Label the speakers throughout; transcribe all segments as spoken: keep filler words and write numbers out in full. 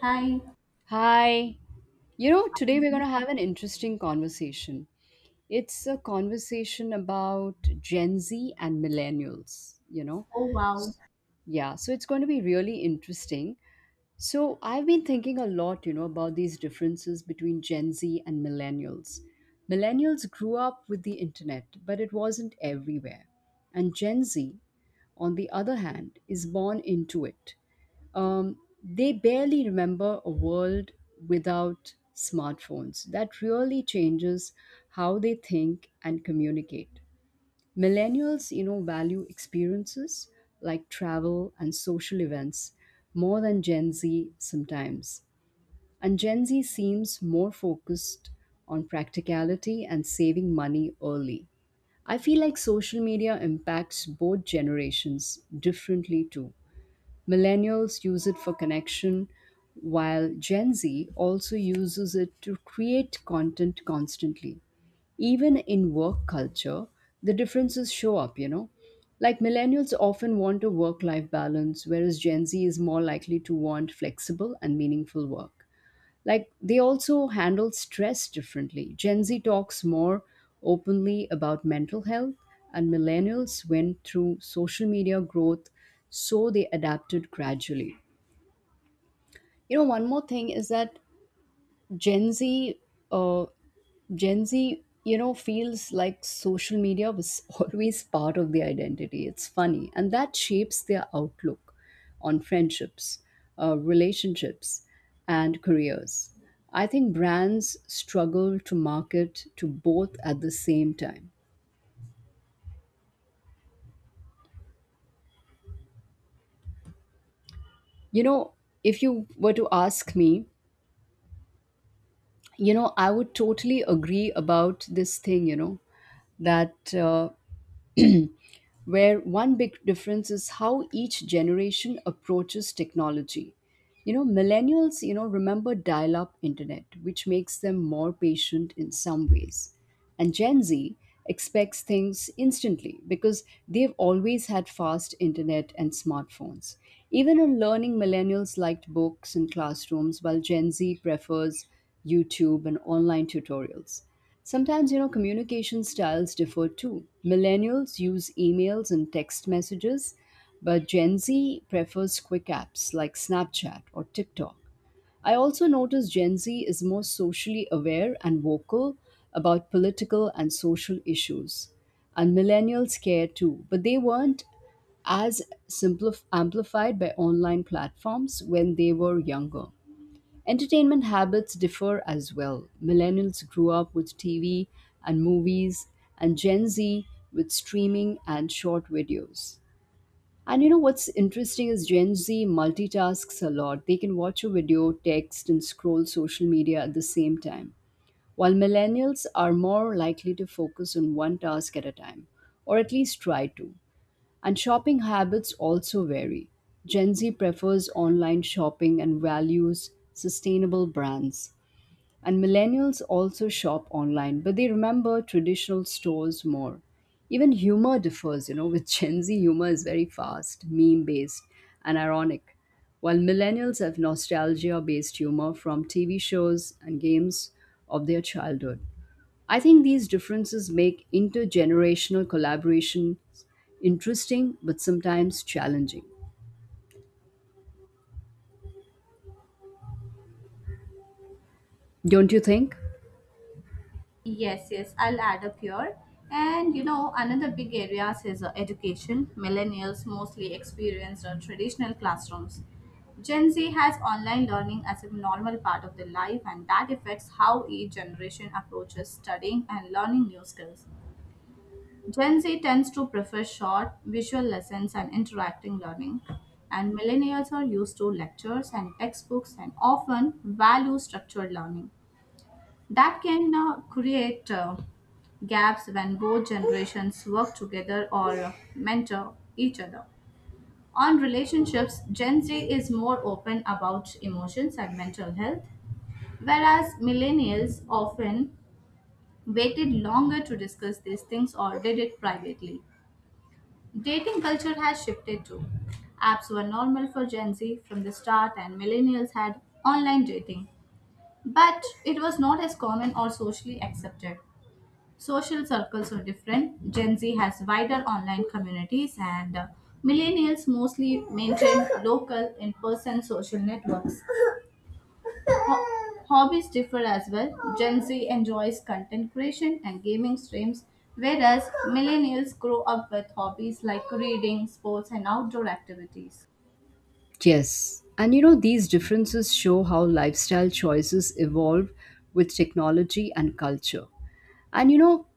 Speaker 1: Hi.
Speaker 2: Hi. You know, today we're going
Speaker 1: Mhm.
Speaker 2: to have an interesting conversation. It's a conversation about Gen Z and millennials, you know.
Speaker 1: Oh wow.
Speaker 2: Yeah, so it's going to be really interesting. So, I've been thinking a lot, you know, about these differences between Gen Z and millennials. Millennials grew up with the internet, but it wasn't everywhere. And Gen Z, on the other hand, is born into it. um, they barely remember a world without smartphones. That really changes how they think and communicate. Millennials, you know, value experiences like travel and social events more than Gen Z sometimes. And Gen Z seems more focused on practicality and saving money early. I feel like social media impacts both generations differently too. Millennials use it for connection, while Gen Z also uses it to create content constantly. Even in work culture, the differences show up, you know. Like millennials often want a work life balance, whereas Gen Z is more likely to want flexible and meaningful work. Like they also handle stress differently. Gen Z talks more openly about mental health, and millennials went through social media growth, so they adapted gradually. You know, one more thing is that Gen Z uh, Gen Z, you know, feels like social media was always part of their identity. It's funny. And that shapes their outlook on friendships, uh, relationships, and careers. I think brands struggle to market to both at the same time. You know, if you were to ask me, you know, I would totally agree about this thing, you know, that uh, where one big difference is how each generation approaches technology. You know, millennials, you know, remember dial up internet, which makes them more patient in some ways. And Gen Z expects things instantly because they've always had fast internet and smartphones. Even in learning, millennials liked books and classrooms, while Gen Z prefers YouTube and online tutorials. Sometimes, you know, communication styles differ too. Millennials use emails and text messages, but Gen Z prefers quick apps like Snapchat or TikTok. I also notice Gen Z is more socially aware and vocal about political and social issues. And millennials care too, but they weren't as simplif- amplified by online platforms when they were younger. Entertainment habits differ as well. Millennials grew up with T V and movies, and Gen Z with streaming and short videos. And you know what's interesting is Gen Z multitasks a lot. They can watch a video, text, and scroll social media at the same time, while millennials are more likely to focus on one task at a time, or at least try to. And shopping habits also vary. Gen Z prefers online shopping and values sustainable brands, and millennials also shop online, but they remember traditional stores more. Even humor differs, you know, with Gen Z, humor is very fast, meme based, and ironic, while millennials have nostalgia based humor from T V shows and games of their childhood. I think these differences make intergenerational collaboration interesting but sometimes challenging. Don't you think?
Speaker 1: Yes, yes. I'll add up here. And you know, another big areas is uh, education. Millennials mostly experience uh, traditional classrooms. Gen Z has online learning as a normal part of their life, and that affects how each generation approaches studying and learning new skills. Gen Z tends to prefer short, visual lessons and interacting learning, and millennials are used to lectures and textbooks and often value structured learning. That can uh, create uh, gaps when both generations work together or uh, mentor each other. On relationships, Gen Z is more open about emotions and mental health, whereas millennials often waited longer to discuss these things or did it privately. Dating culture has shifted too. Apps were normal for Gen Z from the start, and millennials had online dating, but it was not as common or socially accepted. Social circles are different. Gen Z has wider online communities, and uh, millennials mostly maintain local in person social networks. Ho- hobbies differ as well. Gen Z enjoys content creation and gaming streams, whereas millennials grow up with hobbies like reading, sports, and outdoor activities.
Speaker 2: Yes. And you know, these differences show how lifestyle choices evolve with technology and culture. And you know,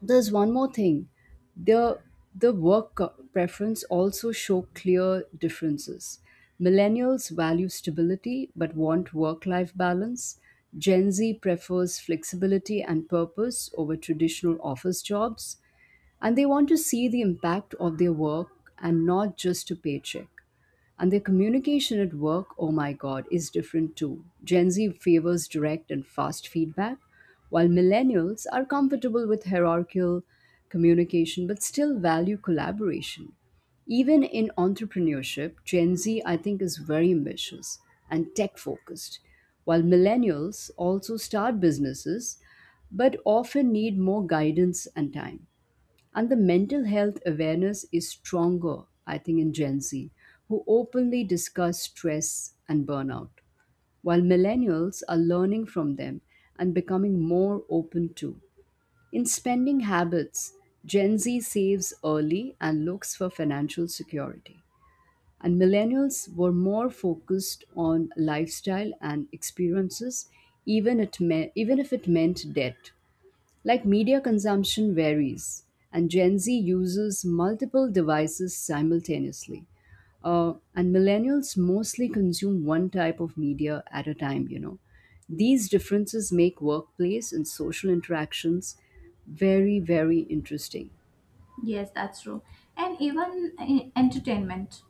Speaker 2: there's one more thing. The the work co- preference also show clear differences. Millennials value stability but want work-life balance. Gen Z prefers flexibility and purpose over traditional office jobs and they want to see the impact of their work and not just a paycheck. And their communication at work, oh my God, is different too. Gen Z favors direct and fast feedback, while millennials are comfortable with hierarchical communication but still value collaboration. Even in entrepreneurship, Gen Z, I think, is very ambitious and tech focused, while millennials also start businesses but often need more guidance and time. And the mental health awareness is stronger, I think, in Gen Z, who openly discuss stress and burnout, while millennials are learning from them and becoming more open too. In spending habits, Gen Z saves early and looks for financial security. And millennials were more focused on lifestyle and experiences, even, it me- even if it meant debt. Like media consumption varies, and Gen Z uses multiple devices simultaneously. Uh, and millennials mostly consume one type of media at a time, you know. These differences make workplace and social interactions very, very interesting.
Speaker 1: Yes, that's true. And even in entertainment.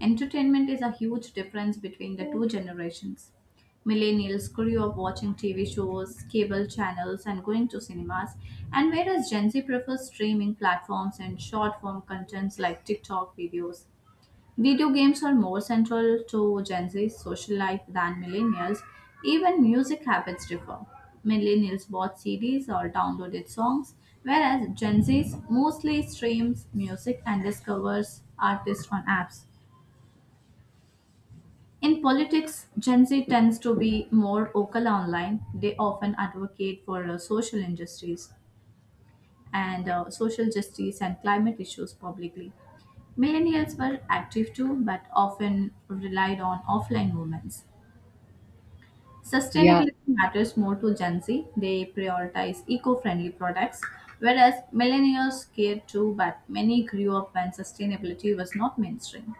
Speaker 1: Entertainment is a huge difference between the two generations. Millennials grew up watching T V shows, cable channels, and going to cinemas, and whereas Gen Z prefers streaming platforms and short form contents like TikTok videos. Video games are more central to Gen Z's social life than millennials. Even music habits differ. Millennials bought C Ds or downloaded songs, whereas Gen Z's mostly streams music and discovers artists on apps. In politics, Gen Z tends to be more vocal online. They often advocate for uh, social injustice, and uh, social justice and climate issues publicly. Millennials were active too, but often relied on offline movements.
Speaker 2: Yeah.
Speaker 1: Sustainability matters more to Gen Z. They prioritize eco friendly products, whereas millennials cared too, but many grew up when sustainability was not mainstream.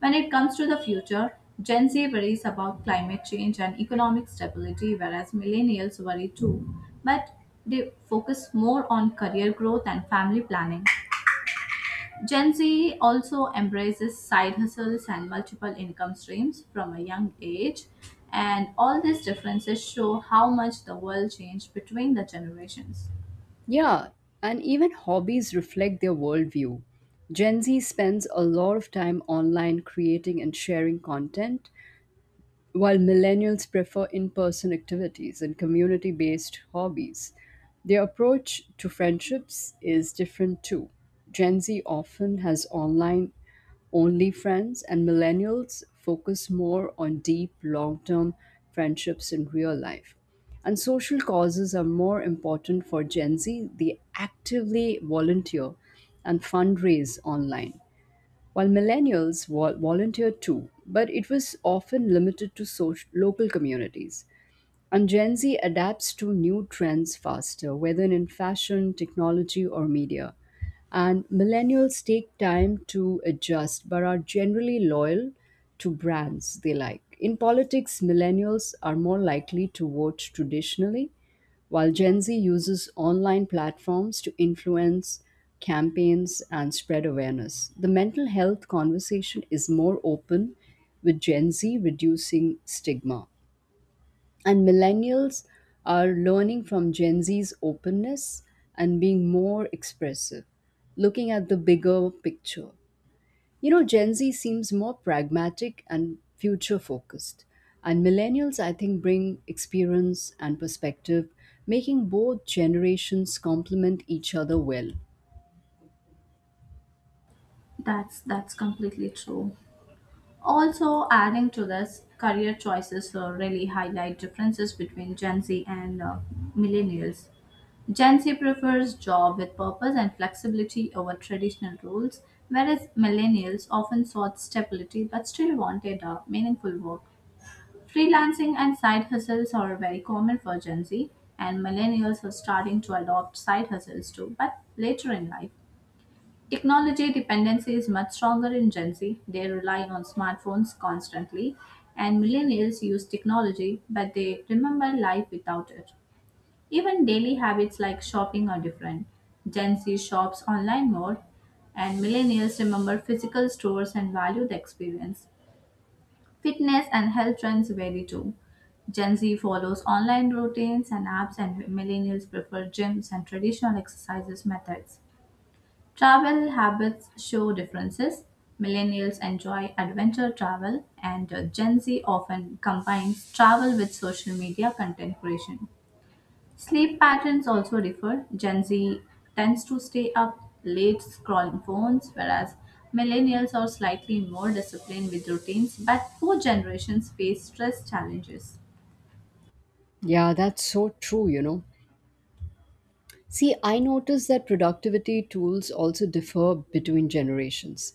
Speaker 1: When it comes to the future, Gen Z worries about climate change and economic stability, whereas millennials worry too, but they focus more on career growth and family planning. Gen Z also embraces side hustles and multiple income streams from a young age, and all these differences show how much the world changed between the generations.
Speaker 2: Yeah. And even hobbies reflect their worldview. Gen Z spends a lot of time online creating and sharing content, while millennials prefer in person activities and community based hobbies, their approach to friendships is different too. Gen Z often has online only friends, and millennials focus more on deep, long term friendships in real life. And social causes are more important for Gen Z. They actively volunteer and fundraise online while millennials vol- volunteered too, but it was often limited to soc- local communities. And Gen Z adapts to new trends faster, whether in fashion, technology, or media. And millennials take time to adjust but are generally loyal to brands they like. In politics, millennials are more likely to vote traditionally, while Gen Z uses online platforms to influence campaigns and spread awareness. The mental health conversation is more open with Gen Z reducing stigma and millennials are learning from Gen Z's openness and being more expressive, looking at the bigger picture. You know, Gen Z seems more pragmatic and future focused, and millennials, I think, bring experience and perspective, making both generations complement each other well.
Speaker 1: That's that's completely true. Also, adding to this, career choices uh, really highlight differences between Gen Z and uh, millennials. Gen Z prefers job with purpose and flexibility over traditional roles, whereas millennials often sought stability but still wanted a meaningful work. Freelancing and side hustles are very common for Gen Z, and millennials are starting to adopt side hustles too, but later in life. Technology dependency is much stronger in Gen Z. They rely on smartphones constantly, and millennials use technology, but they remember life without it. Even daily habits like shopping are different. Gen Z shops online more, and millennials remember physical stores and value the experience. Fitness and health trends vary too. Gen Z follows online routines and apps, and millennials prefer gyms and traditional exercises methods. Travel habits show differences. Millennials enjoy adventure travel, and uh, Gen Z often combines travel with social media content creation. Sleep patterns also differ. Gen Z tends to stay up late scrolling phones, whereas millennials are slightly more disciplined with routines, but both generations face stress challenges.
Speaker 2: Yeah, that's so true, you know. See, I noticed that productivity tools also differ between generations.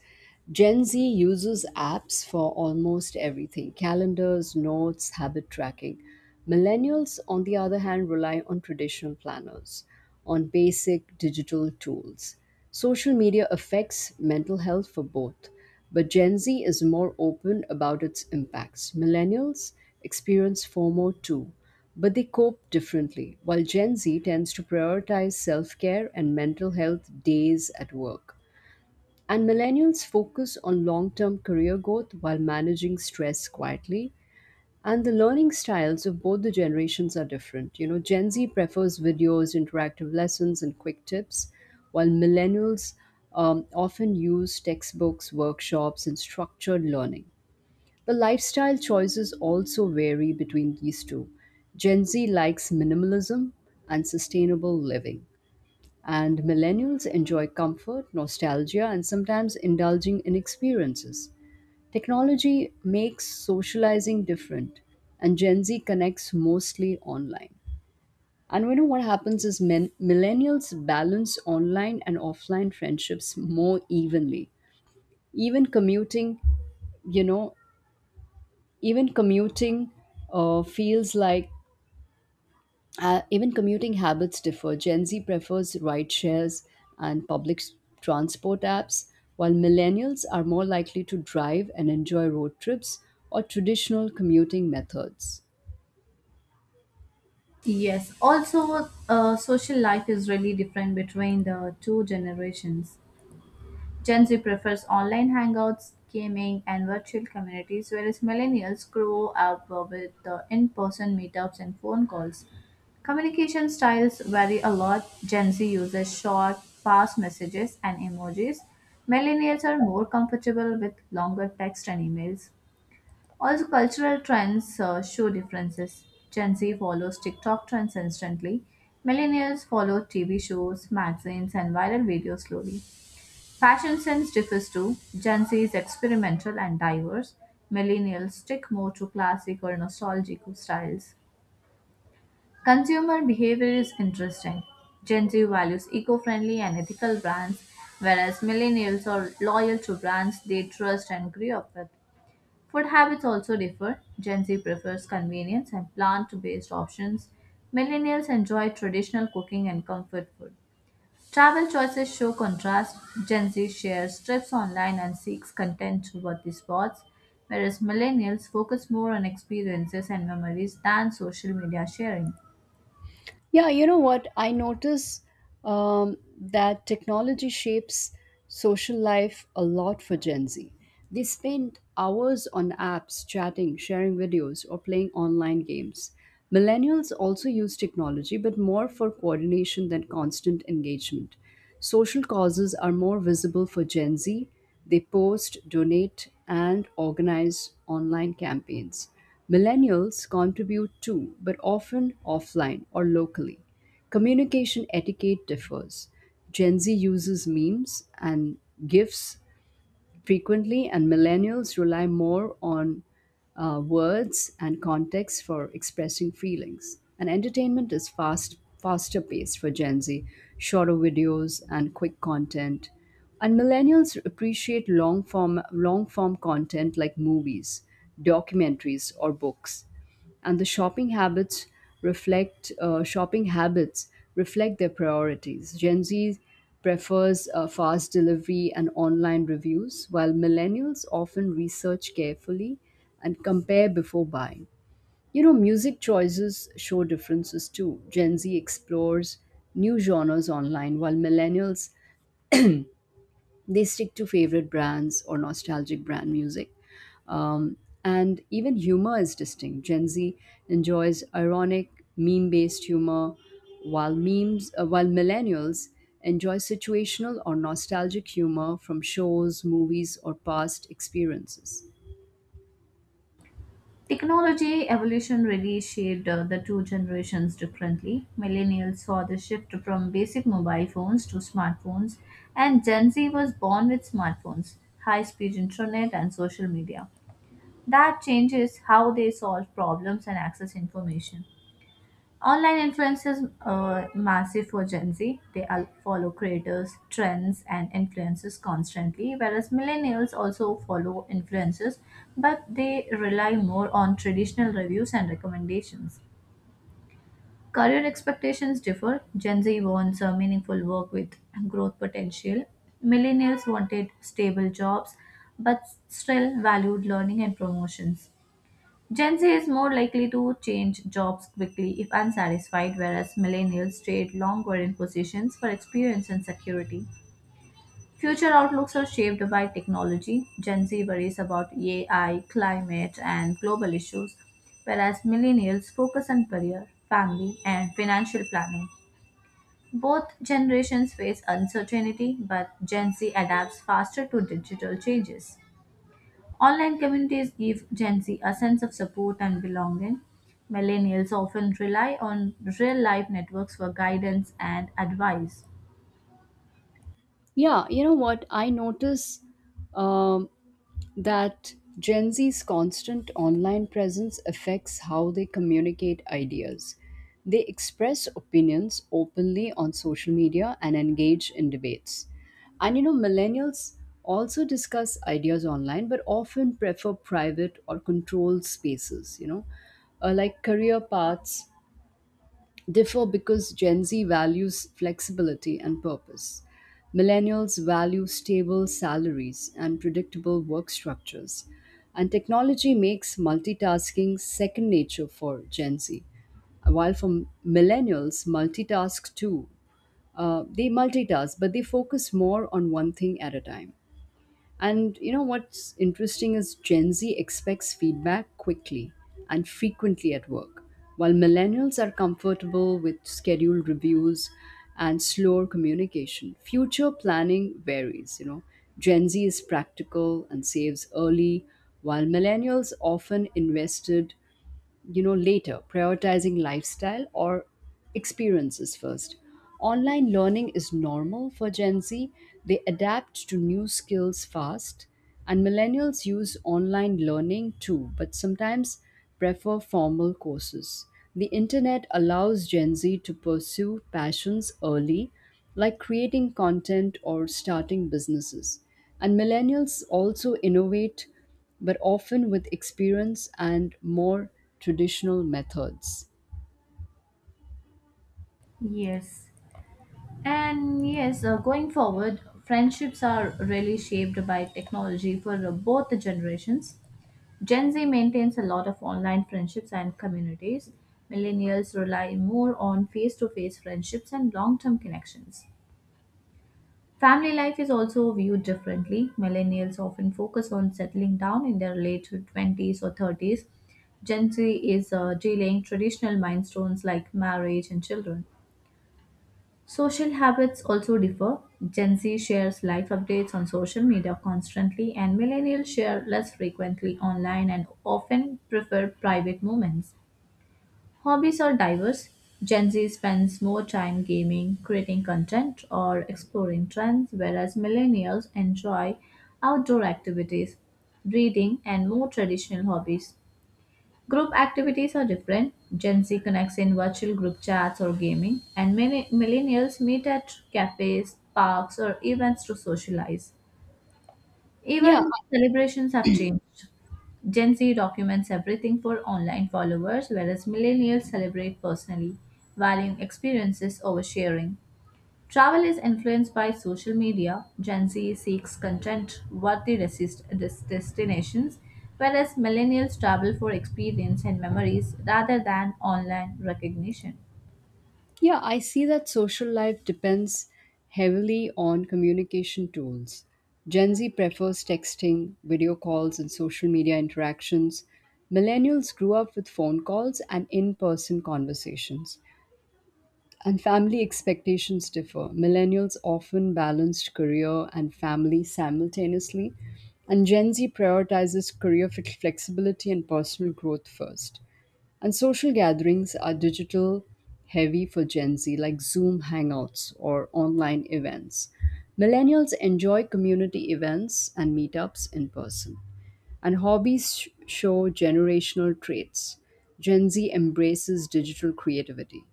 Speaker 2: Gen Z uses apps for almost everything: calendars, notes, habit tracking. Millennials, on the other hand, rely on traditional planners, on basic digital tools. Social media affects mental health for both, but Gen Z is more open about its impacts. Millennials experience FOMO too but they cope differently, while Gen Z tends to prioritize self care and mental health days at work. And millennials focus on long term career growth while managing stress quietly. And the learning styles of both the generations are different. You know, Gen Z prefers videos, interactive lessons, and quick tips, while millennials um, often use textbooks, workshops, and structured learning. The lifestyle choices also vary between these two. Gen Z likes minimalism and sustainable living, and millennials enjoy comfort, nostalgia, and sometimes indulging in experiences. Technology makes socializing different, and Gen Z connects mostly online. And we know what happens is men, millennials balance online and offline friendships more evenly. Even commuting, you know, even commuting uh, feels like uh, Even commuting habits differ. Gen Z prefers ride shares and public s- transport apps, while millennials are more likely to drive and enjoy road trips or traditional commuting methods.
Speaker 1: Yes, also, uh, social life is really different between the two generations. Gen Z prefers online hangouts, gaming, and virtual communities, whereas millennials grow up with the in-person meetups and phone calls. Communication styles vary a lot. Gen Z uses short, fast messages and emojis. Millennials are more comfortable with longer text and emails. Also, cultural trends uh, show differences. Gen Z follows TikTok trends instantly. Millennials follow T V shows, magazines, and viral videos slowly. Fashion sense differs too. Gen Z is experimental and diverse. Millennials stick more to classic or nostalgic styles. Consumer behavior is interesting. Gen Z values eco friendly and ethical brands, whereas millennials are loyal to brands they trust and grew up with. Food habits also differ. Gen Z prefers convenience and plant based options. Millennials enjoy traditional cooking and comfort food. Travel choices show contrast. Gen Z shares trips online and seeks content about the spots, whereas millennials focus more on experiences and memories than social media sharing.
Speaker 2: Yeah, you know what? I notice um, that technology shapes social life a lot for Gen Z. They spend hours on apps, chatting, sharing videos, or playing online games. Millennials also use technology, but more for coordination than constant engagement. Social causes are more visible for Gen Z. They post, donate, and organize online campaigns. Millennials contribute too, but often offline or locally. Communication etiquette differs. Gen Z uses memes and GIFs frequently, and millennials rely more on uh, words and context for expressing feelings. And entertainment is fast, faster paced for Gen Z, shorter videos and quick content. And millennials appreciate long form, long form content like movies, documentaries, or books and the shopping habits reflect uh, shopping habits reflect their priorities. Gen Z prefers uh, fast delivery and online reviews, while millennials often research carefully and compare before buying. You know, music choices show differences too. Gen Z explores new genres online, while millennials they stick to favorite brands or nostalgic brand music. Um, and even humor is distinct. Gen Z enjoys ironic, meme based humor, while, memes, uh, while millennials enjoy situational or nostalgic humor from shows, movies, or past experiences.
Speaker 1: Technology evolution really shaped uh, the two generations differently. Millennials saw the shift from basic mobile phones to smartphones, and Gen Z was born with smartphones, high speed internet, and social media. That changes how they solve problems and access information. Online influence is uh, massive for Gen Z. They al- follow creators, trends, and influences constantly, whereas millennials also follow influences, but they rely more on traditional reviews and recommendations. Career expectations differ. Gen Z wants a meaningful work with growth potential. Millennials wanted stable jobs, but still valued learning and promotions. Gen Z is more likely to change jobs quickly if unsatisfied, whereas millennials stayed longer in positions for experience and security. Future outlooks are shaped by technology. Gen Z worries about A I, climate, and global issues, whereas millennials focus on career, family, and financial planning. Both generations face uncertainty, but Gen Z adapts faster to digital changes. Online communities give Gen Z a sense of support and belonging. Millennials often rely on real life networks for guidance and advice.
Speaker 2: Yeah, you know what? I notice um, that Gen Z's constant online presence affects how they communicate ideas. They express opinions openly on social media and engage in debates. And you know, millennials also discuss ideas online but often prefer private or controlled spaces, you know, uh, like career paths, differ because Gen Z values flexibility and purpose. Millennials value stable salaries and predictable work structures. And technology makes multitasking second nature for Gen Z. While for millennials, multitask too. Uh, they multitask, but they focus more on one thing at a time. And you know what's interesting is Gen Z expects feedback quickly and frequently at work, while millennials are comfortable with scheduled reviews and slower communication. Future planning varies, you know. Gen Z is practical and saves early, while millennials often invested you know later, prioritizing lifestyle or experiences first. Online learning is normal for Gen Z. They adapt to new skills fast, and millennials use online learning too but sometimes prefer formal courses. The internet allows Gen Z to pursue passions early, like creating content or starting businesses, and millennials also innovate but often with experience and more traditional methods.
Speaker 1: Yes. And yes, uh, going forward, friendships are really shaped by technology for uh, both the generations. Gen Z maintains a lot of online friendships and communities. Millennials rely more on face to face friendships and long term connections. Family life is also viewed differently. Millennials often focus on settling down in their late twenties or thirties. Gen Z is uh, delaying traditional milestones like marriage and children. Social habits also differ. Gen Z shares life updates on social media constantly, and millennials share less frequently online and often prefer private moments. Hobbies are diverse. Gen Z spends more time gaming, creating content, or exploring trends, whereas millennials enjoy outdoor activities, reading, and more traditional hobbies. Group activities are different. Gen Z connects in virtual group chats or gaming, and many millennials meet at cafes, parks, or events to socialize.
Speaker 2: Yeah,
Speaker 1: Even celebrations have changed. Gen Z documents everything for online followers, whereas millennials celebrate personally, valuing experiences over sharing. Travel is influenced by social media. Gen Z seeks content worthy resist- des- destinations, whereas millennials travel for experience and memories rather than online recognition.
Speaker 2: yeah, I see that social life depends heavily on communication tools. Gen Z prefers texting, video calls, and social media interactions. Millennials grew up with phone calls and in person conversations. And family expectations differ. Millennials often balance career and family simultaneously, and Gen Z prioritizes career fit- flexibility and personal growth first. And social gatherings are digital heavy for Gen Z, like Zoom hangouts or online events. Millennials enjoy community events and meetups in person. And hobbies sh- show generational traits. Gen Z embraces digital creativity.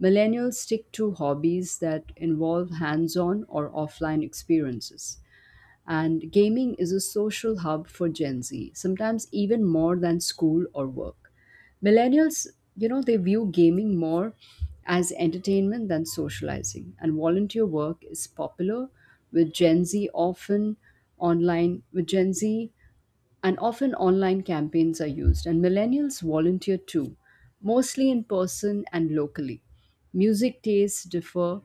Speaker 2: Millennials stick to hobbies that involve hands on or offline experiences. And gaming is a social hub for Gen Z, sometimes even more than school or work. Millennials, you know, they view gaming more as entertainment than socializing, and volunteer work is popular with Gen Z, often online with Gen Z, and often online campaigns are used, and millennials volunteer too, mostly in person and locally. Music tastes differ.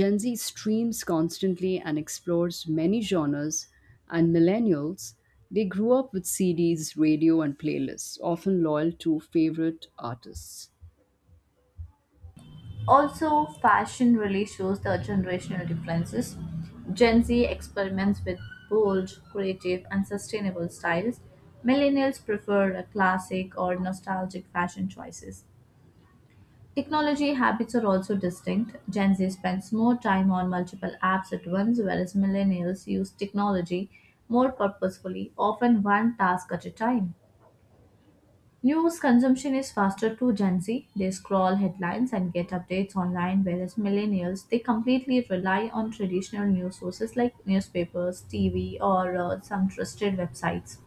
Speaker 2: Gen Z streams constantly and explores many genres, and millennials, they grew up with CDs, radio, and playlists, often loyal to favorite artists.
Speaker 1: Also, fashion really shows the generational differences. Gen Z experiments with bold, creative, and sustainable styles. Millennials prefer a classic or nostalgic fashion choices. Technology habits are also distinct. Gen Z spends more time on multiple apps at once, whereas millennials use technology more purposefully, often one task at a time. News consumption is faster to Gen Z. They scroll headlines and get updates online, whereas millennials they completely rely on traditional news sources like newspapers, T V, or uh, some trusted websites.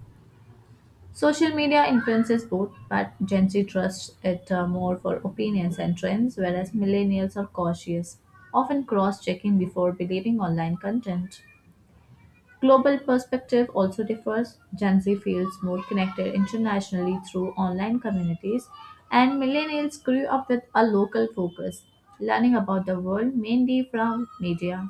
Speaker 1: Social media influences both, but Gen Z trusts it uh, more for opinions and trends, whereas millennials are cautious, often cross checking before believing online content. Global perspective also differs. Gen Z feels more connected internationally through online communities, and millennials grew up with a local focus, learning about the world mainly from media.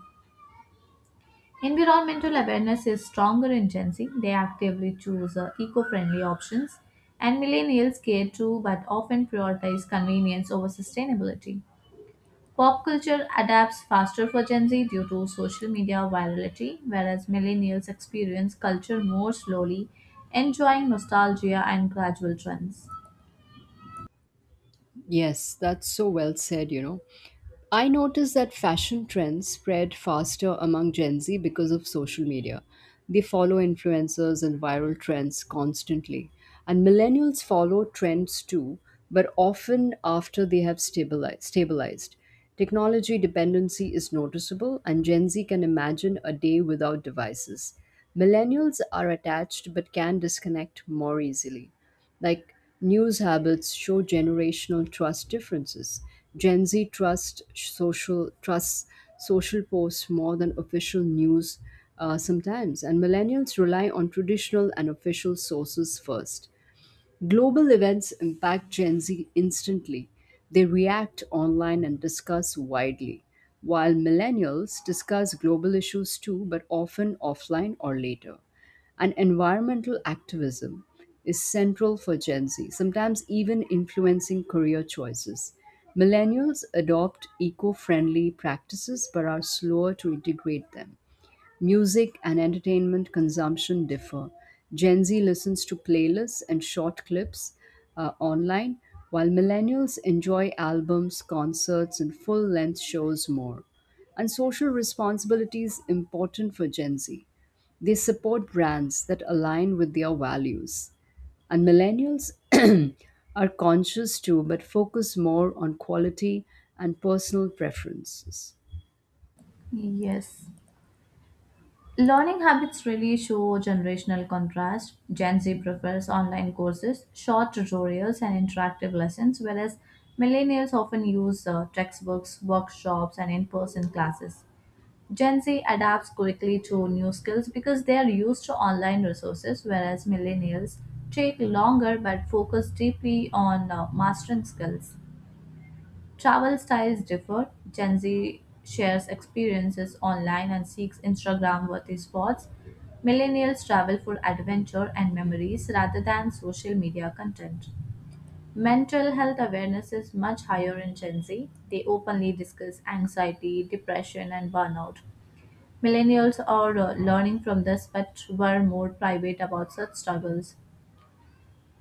Speaker 1: Environmental awareness is stronger in Gen Z. They actively choose uh, eco-friendly options, and millennials care too but often prioritize convenience over sustainability. Pop culture adapts faster for Gen Z due to social media virality, whereas millennials experience culture more slowly, enjoying nostalgia and gradual trends.
Speaker 2: Yes, that's so well said. you know I noticed that fashion trends spread faster among Gen Z because of social media. They follow influencers and viral trends constantly. And millennials follow trends too, but often after they have stabilized. stabilized. Technology dependency is noticeable, and Gen Z can imagine a day without devices. Millennials are attached but can disconnect more easily. Like, news habits show generational trust differences. Gen Z trust social trusts social posts more than official news, uh, sometimes, and millennials rely on traditional and official sources first. Global events impact Gen Z instantly. They react online and discuss widely, while millennials discuss global issues too, but often offline or later. And environmental activism is central for Gen Z, sometimes even influencing career choices. Millennials adopt eco friendly practices but are slower to integrate them. Music and entertainment consumption differ. Gen Z listens to playlists and short clips uh, online, while millennials enjoy albums, concerts, and full length shows more. And social responsibility is important for Gen Z. They support brands that align with their values. And millennials are conscious too, but focus more on quality and personal preferences.
Speaker 1: Yes. Learning habits really show generational contrast. Gen Z prefers online courses, short tutorials, and interactive lessons, whereas millennials often use uh, textbooks, workshops, and in person classes. Gen Z adapts quickly to new skills because they are used to online resources, whereas millennials take longer but focus deeply on uh, mastering skills. Travel styles differ. Gen Z shares experiences online and seeks Instagram worthy spots. Millennials travel for adventure and memories rather than social media content. Mental health awareness is much higher in Gen Z. They openly discuss anxiety, depression, and burnout. Millennials are uh, learning from this but were more private about such struggles.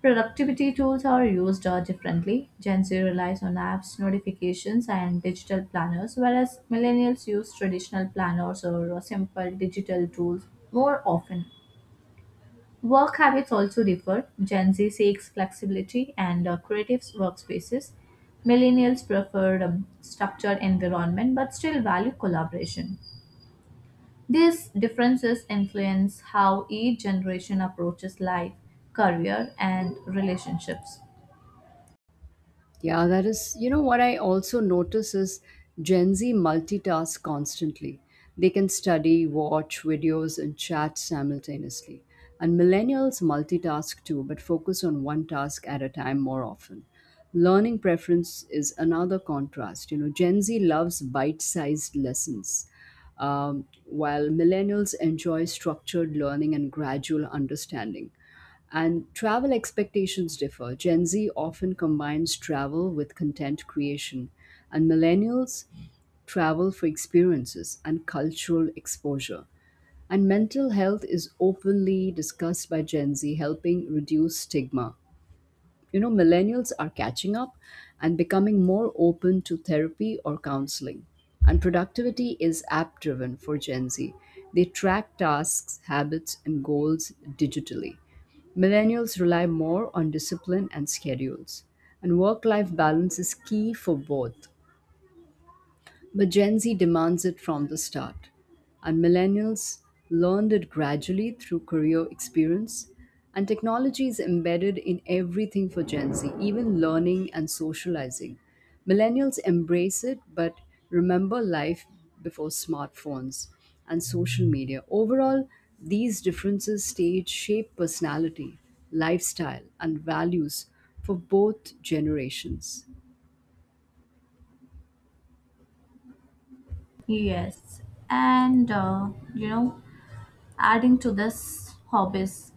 Speaker 1: Productivity tools are used uh, differently. Gen Z relies on apps, notifications, and digital planners, whereas millennials use traditional planners or uh, simple digital tools more often. Work habits also differ. Gen Z seeks flexibility and uh, creative workspaces. Millennials prefer um, structured environment but still value collaboration. These differences influence how each generation approaches life, career, and relationships.
Speaker 2: Yeah, that is, you know, what I also notice is Gen Z multitask constantly. They can study, watch videos, and chat simultaneously. And millennials multitask too, but focus on one task at a time more often. Learning preference is another contrast. You know, Gen Z loves bite sized lessons, um, while millennials enjoy structured learning and gradual understanding. And travel expectations differ. Gen Z often combines travel with content creation, and millennials travel for experiences and cultural exposure. And mental health is openly discussed by Gen Z, helping reduce stigma. You know millennials are catching up and becoming more open to therapy or counseling. And productivity is app driven for Gen Z. They track tasks, habits, and goals digitally. Millennials rely more on discipline and schedules. And work life balance is key for both, but Gen Z demands it from the start. And millennials learned it gradually through career experience. And technology is embedded in everything for Gen Z, even learning and socializing. Millennials embrace it, but remember life before smartphones and social media. Overall, these differences stage shape personality, lifestyle, and values for both generations.
Speaker 1: Yes, and uh, you know, adding to this, hobbies.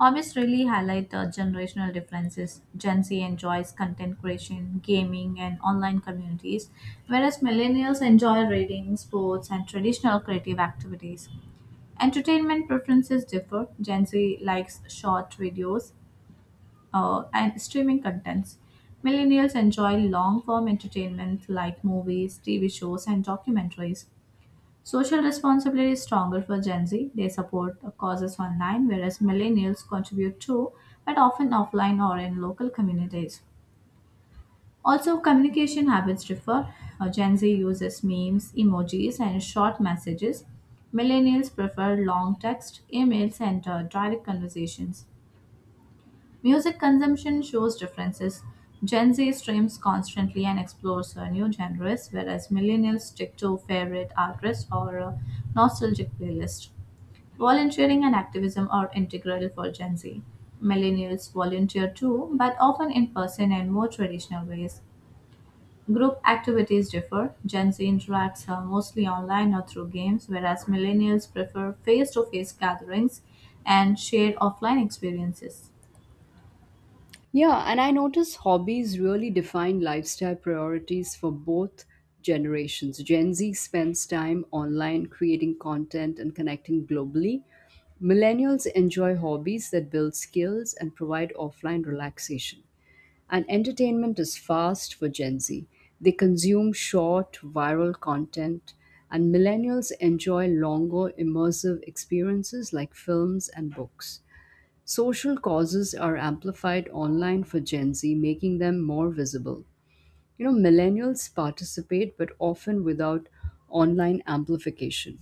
Speaker 1: Hobbies really highlight the generational differences. Gen Z enjoys content creation, gaming, and online communities, whereas millennials enjoy reading, sports, and traditional creative activities. Entertainment preferences differ. Gen Z likes short videos, uh, and streaming contents. Millennials enjoy long form entertainment like movies, T V shows, and documentaries. Social responsibility is stronger for Gen Z. They support causes online, whereas millennials contribute to, but often offline or in local communities. Also, communication habits differ. Uh, Gen Z uses memes, emojis, and short messages. Millennials prefer long text, emails, and uh, direct conversations. Music consumption shows differences. Gen Z streams constantly and explores uh, new genres, whereas millennials stick to favorite artists or uh, nostalgic playlists. Volunteering and activism are integral for Gen Z. Millennials volunteer too, but often in person and more traditional ways. Group activities differ. Gen Z interacts uh, mostly online or through games, whereas millennials prefer face to face gatherings and shared offline experiences.
Speaker 2: Yeah, and I notice hobbies really define lifestyle priorities for both generations. Gen Z spends time online creating content and connecting globally. Millennials enjoy hobbies that build skills and provide offline relaxation. And entertainment is fast for Gen Z. They consume short, viral content, and millennials enjoy longer, immersive experiences like films and books. Social causes are amplified online for Gen Z, making them more visible. You know, millennials participate, but often without online amplification.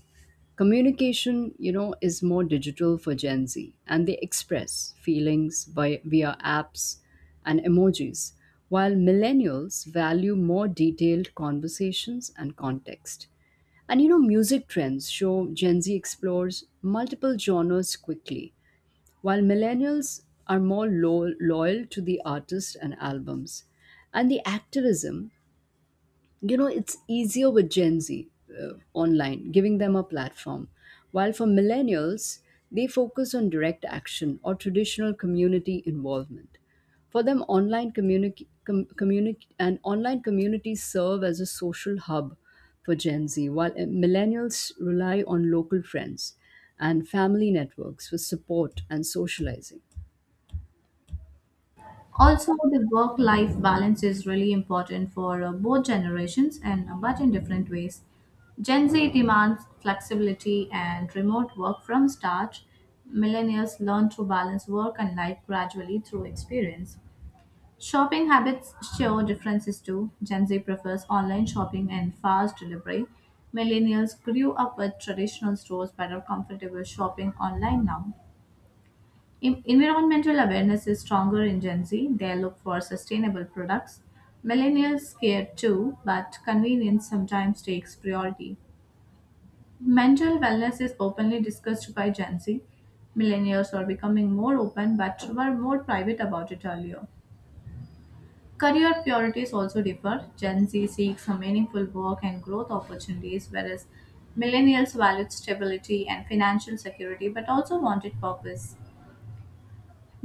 Speaker 2: Communication, you know, is more digital for Gen Z, and they express feelings by, via apps and emojis, while millennials value more detailed conversations and context. And you know, music trends show Gen Z explores multiple genres quickly, while millennials are more lo- loyal to the artists and albums. And the activism, you know it's easier with Gen Z, uh, online, giving them a platform, while for millennials, they focus on direct action or traditional community involvement. For them, online community com- communi- and online communities serve as a social hub for Gen Z, while uh, millennials rely on local friends and family networks for support and socializing.
Speaker 1: Also, the work life balance is really important for uh, both generations and uh, but in different ways. Gen Z demands flexibility and remote work from start. Millennials learn to balance work and life gradually through experience. Shopping habits show differences too. Gen Z prefers online shopping and fast delivery. Millennials grew up with traditional stores but are comfortable shopping online now. En- Environmental awareness is stronger in Gen Z. They look for sustainable products. Millennials care too, but convenience sometimes takes priority. Mental wellness is openly discussed by Gen Z. Millennials are becoming more open but were more private about it earlier. Career priorities also differ. Gen Z seeks a meaningful work and growth opportunities, whereas millennials valued stability and financial security but also wanted purpose.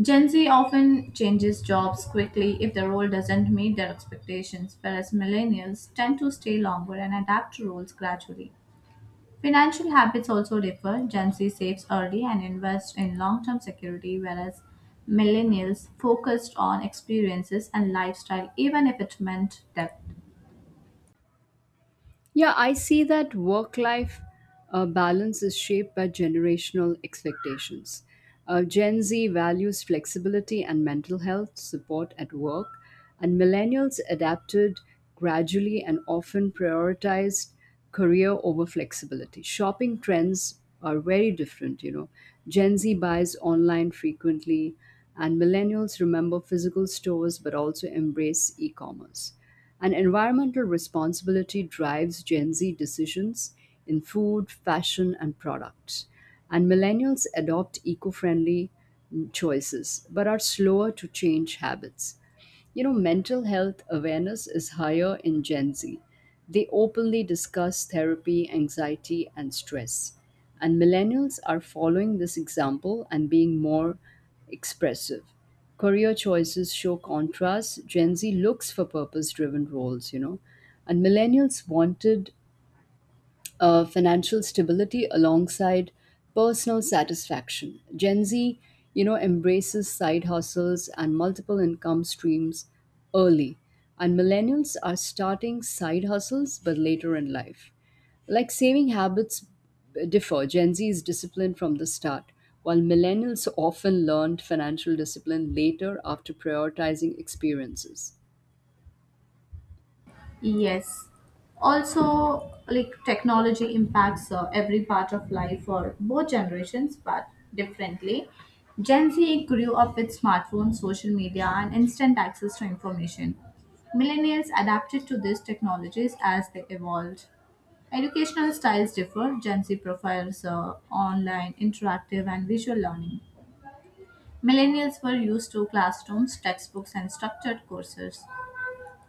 Speaker 1: Gen Z often changes jobs quickly if the role doesn't meet their expectations, whereas millennials tend to stay longer and adapt to roles gradually. Financial habits also differ. Gen Z saves early and invests in long term security, whereas millennials focused on experiences and lifestyle, even if it meant debt.
Speaker 2: Yeah, I see that work life uh, balance is shaped by generational expectations. Uh, Gen Z values flexibility and mental health support at work, and millennials adapted gradually and often prioritized career over flexibility. Shopping trends are very different, you know. Gen Z buys online frequently, and millennials remember physical stores but also embrace e commerce. And environmental responsibility drives Gen Z decisions in food, fashion, and products. And millennials adopt eco friendly choices but are slower to change habits. You know, mental health awareness is higher in Gen Z. They openly discuss therapy, anxiety, and stress. And millennials are following this example and being more expressive. Career choices show contrast. Gen Z looks for purpose driven roles, you know. And millennials wanted uh, financial stability alongside personal satisfaction. Gen Z, you know, embraces side hustles and multiple income streams early, and millennials are starting side hustles but later in life. Like, saving habits differ. Gen Z is disciplined from the start, while millennials often learned financial discipline later after prioritizing experiences.
Speaker 1: Yes. Also, like technology impacts uh, every part of life for both generations, but differently. Gen Z grew up with smartphones, social media, and instant access to information. Millennials adapted to these technologies as they evolved. Educational styles differ. Gen Z prefers uh, online, interactive, and visual learning. Millennials were used to classrooms, textbooks, and structured courses.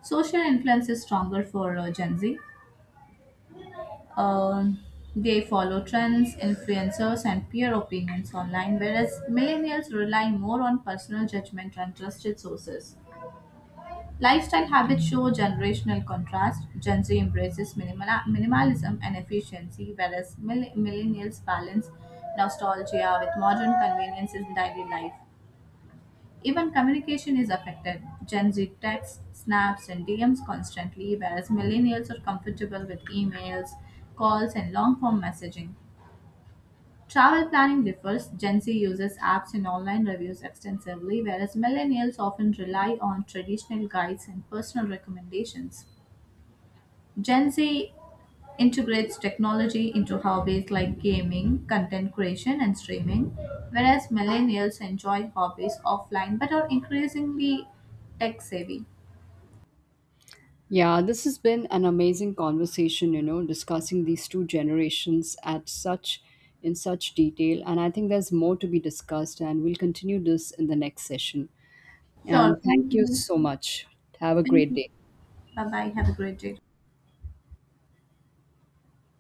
Speaker 1: Social influence is stronger for uh, Gen Z. Um, they follow trends, influencers, and peer opinions online, whereas millennials rely more on personal judgment and trusted sources. Lifestyle habits show generational contrast. Gen Z embraces minimala- minimalism and efficiency, whereas mill- millennials balance nostalgia with modern conveniences in daily life. Even communication is affected. Gen Z texts, snaps, and D Ms constantly, whereas millennials are comfortable with emails, calls, and long form messaging. Travel planning differs. Gen Z uses apps and online reviews extensively, whereas millennials often rely on traditional guides and personal recommendations. Gen Z integrates technology into hobbies like gaming, content creation, and streaming, whereas millennials enjoy hobbies offline but are increasingly tech savvy.
Speaker 2: Yeah, this has been an amazing conversation, you know, discussing these two generations at such in such detail, and I think there's more to be discussed and we'll continue this in the next session.
Speaker 1: Sure,
Speaker 2: And
Speaker 1: thank
Speaker 2: thank you
Speaker 1: you.
Speaker 2: so much. Have a
Speaker 1: Thank
Speaker 2: great
Speaker 1: you.
Speaker 2: day.
Speaker 1: Bye bye. Have a great day.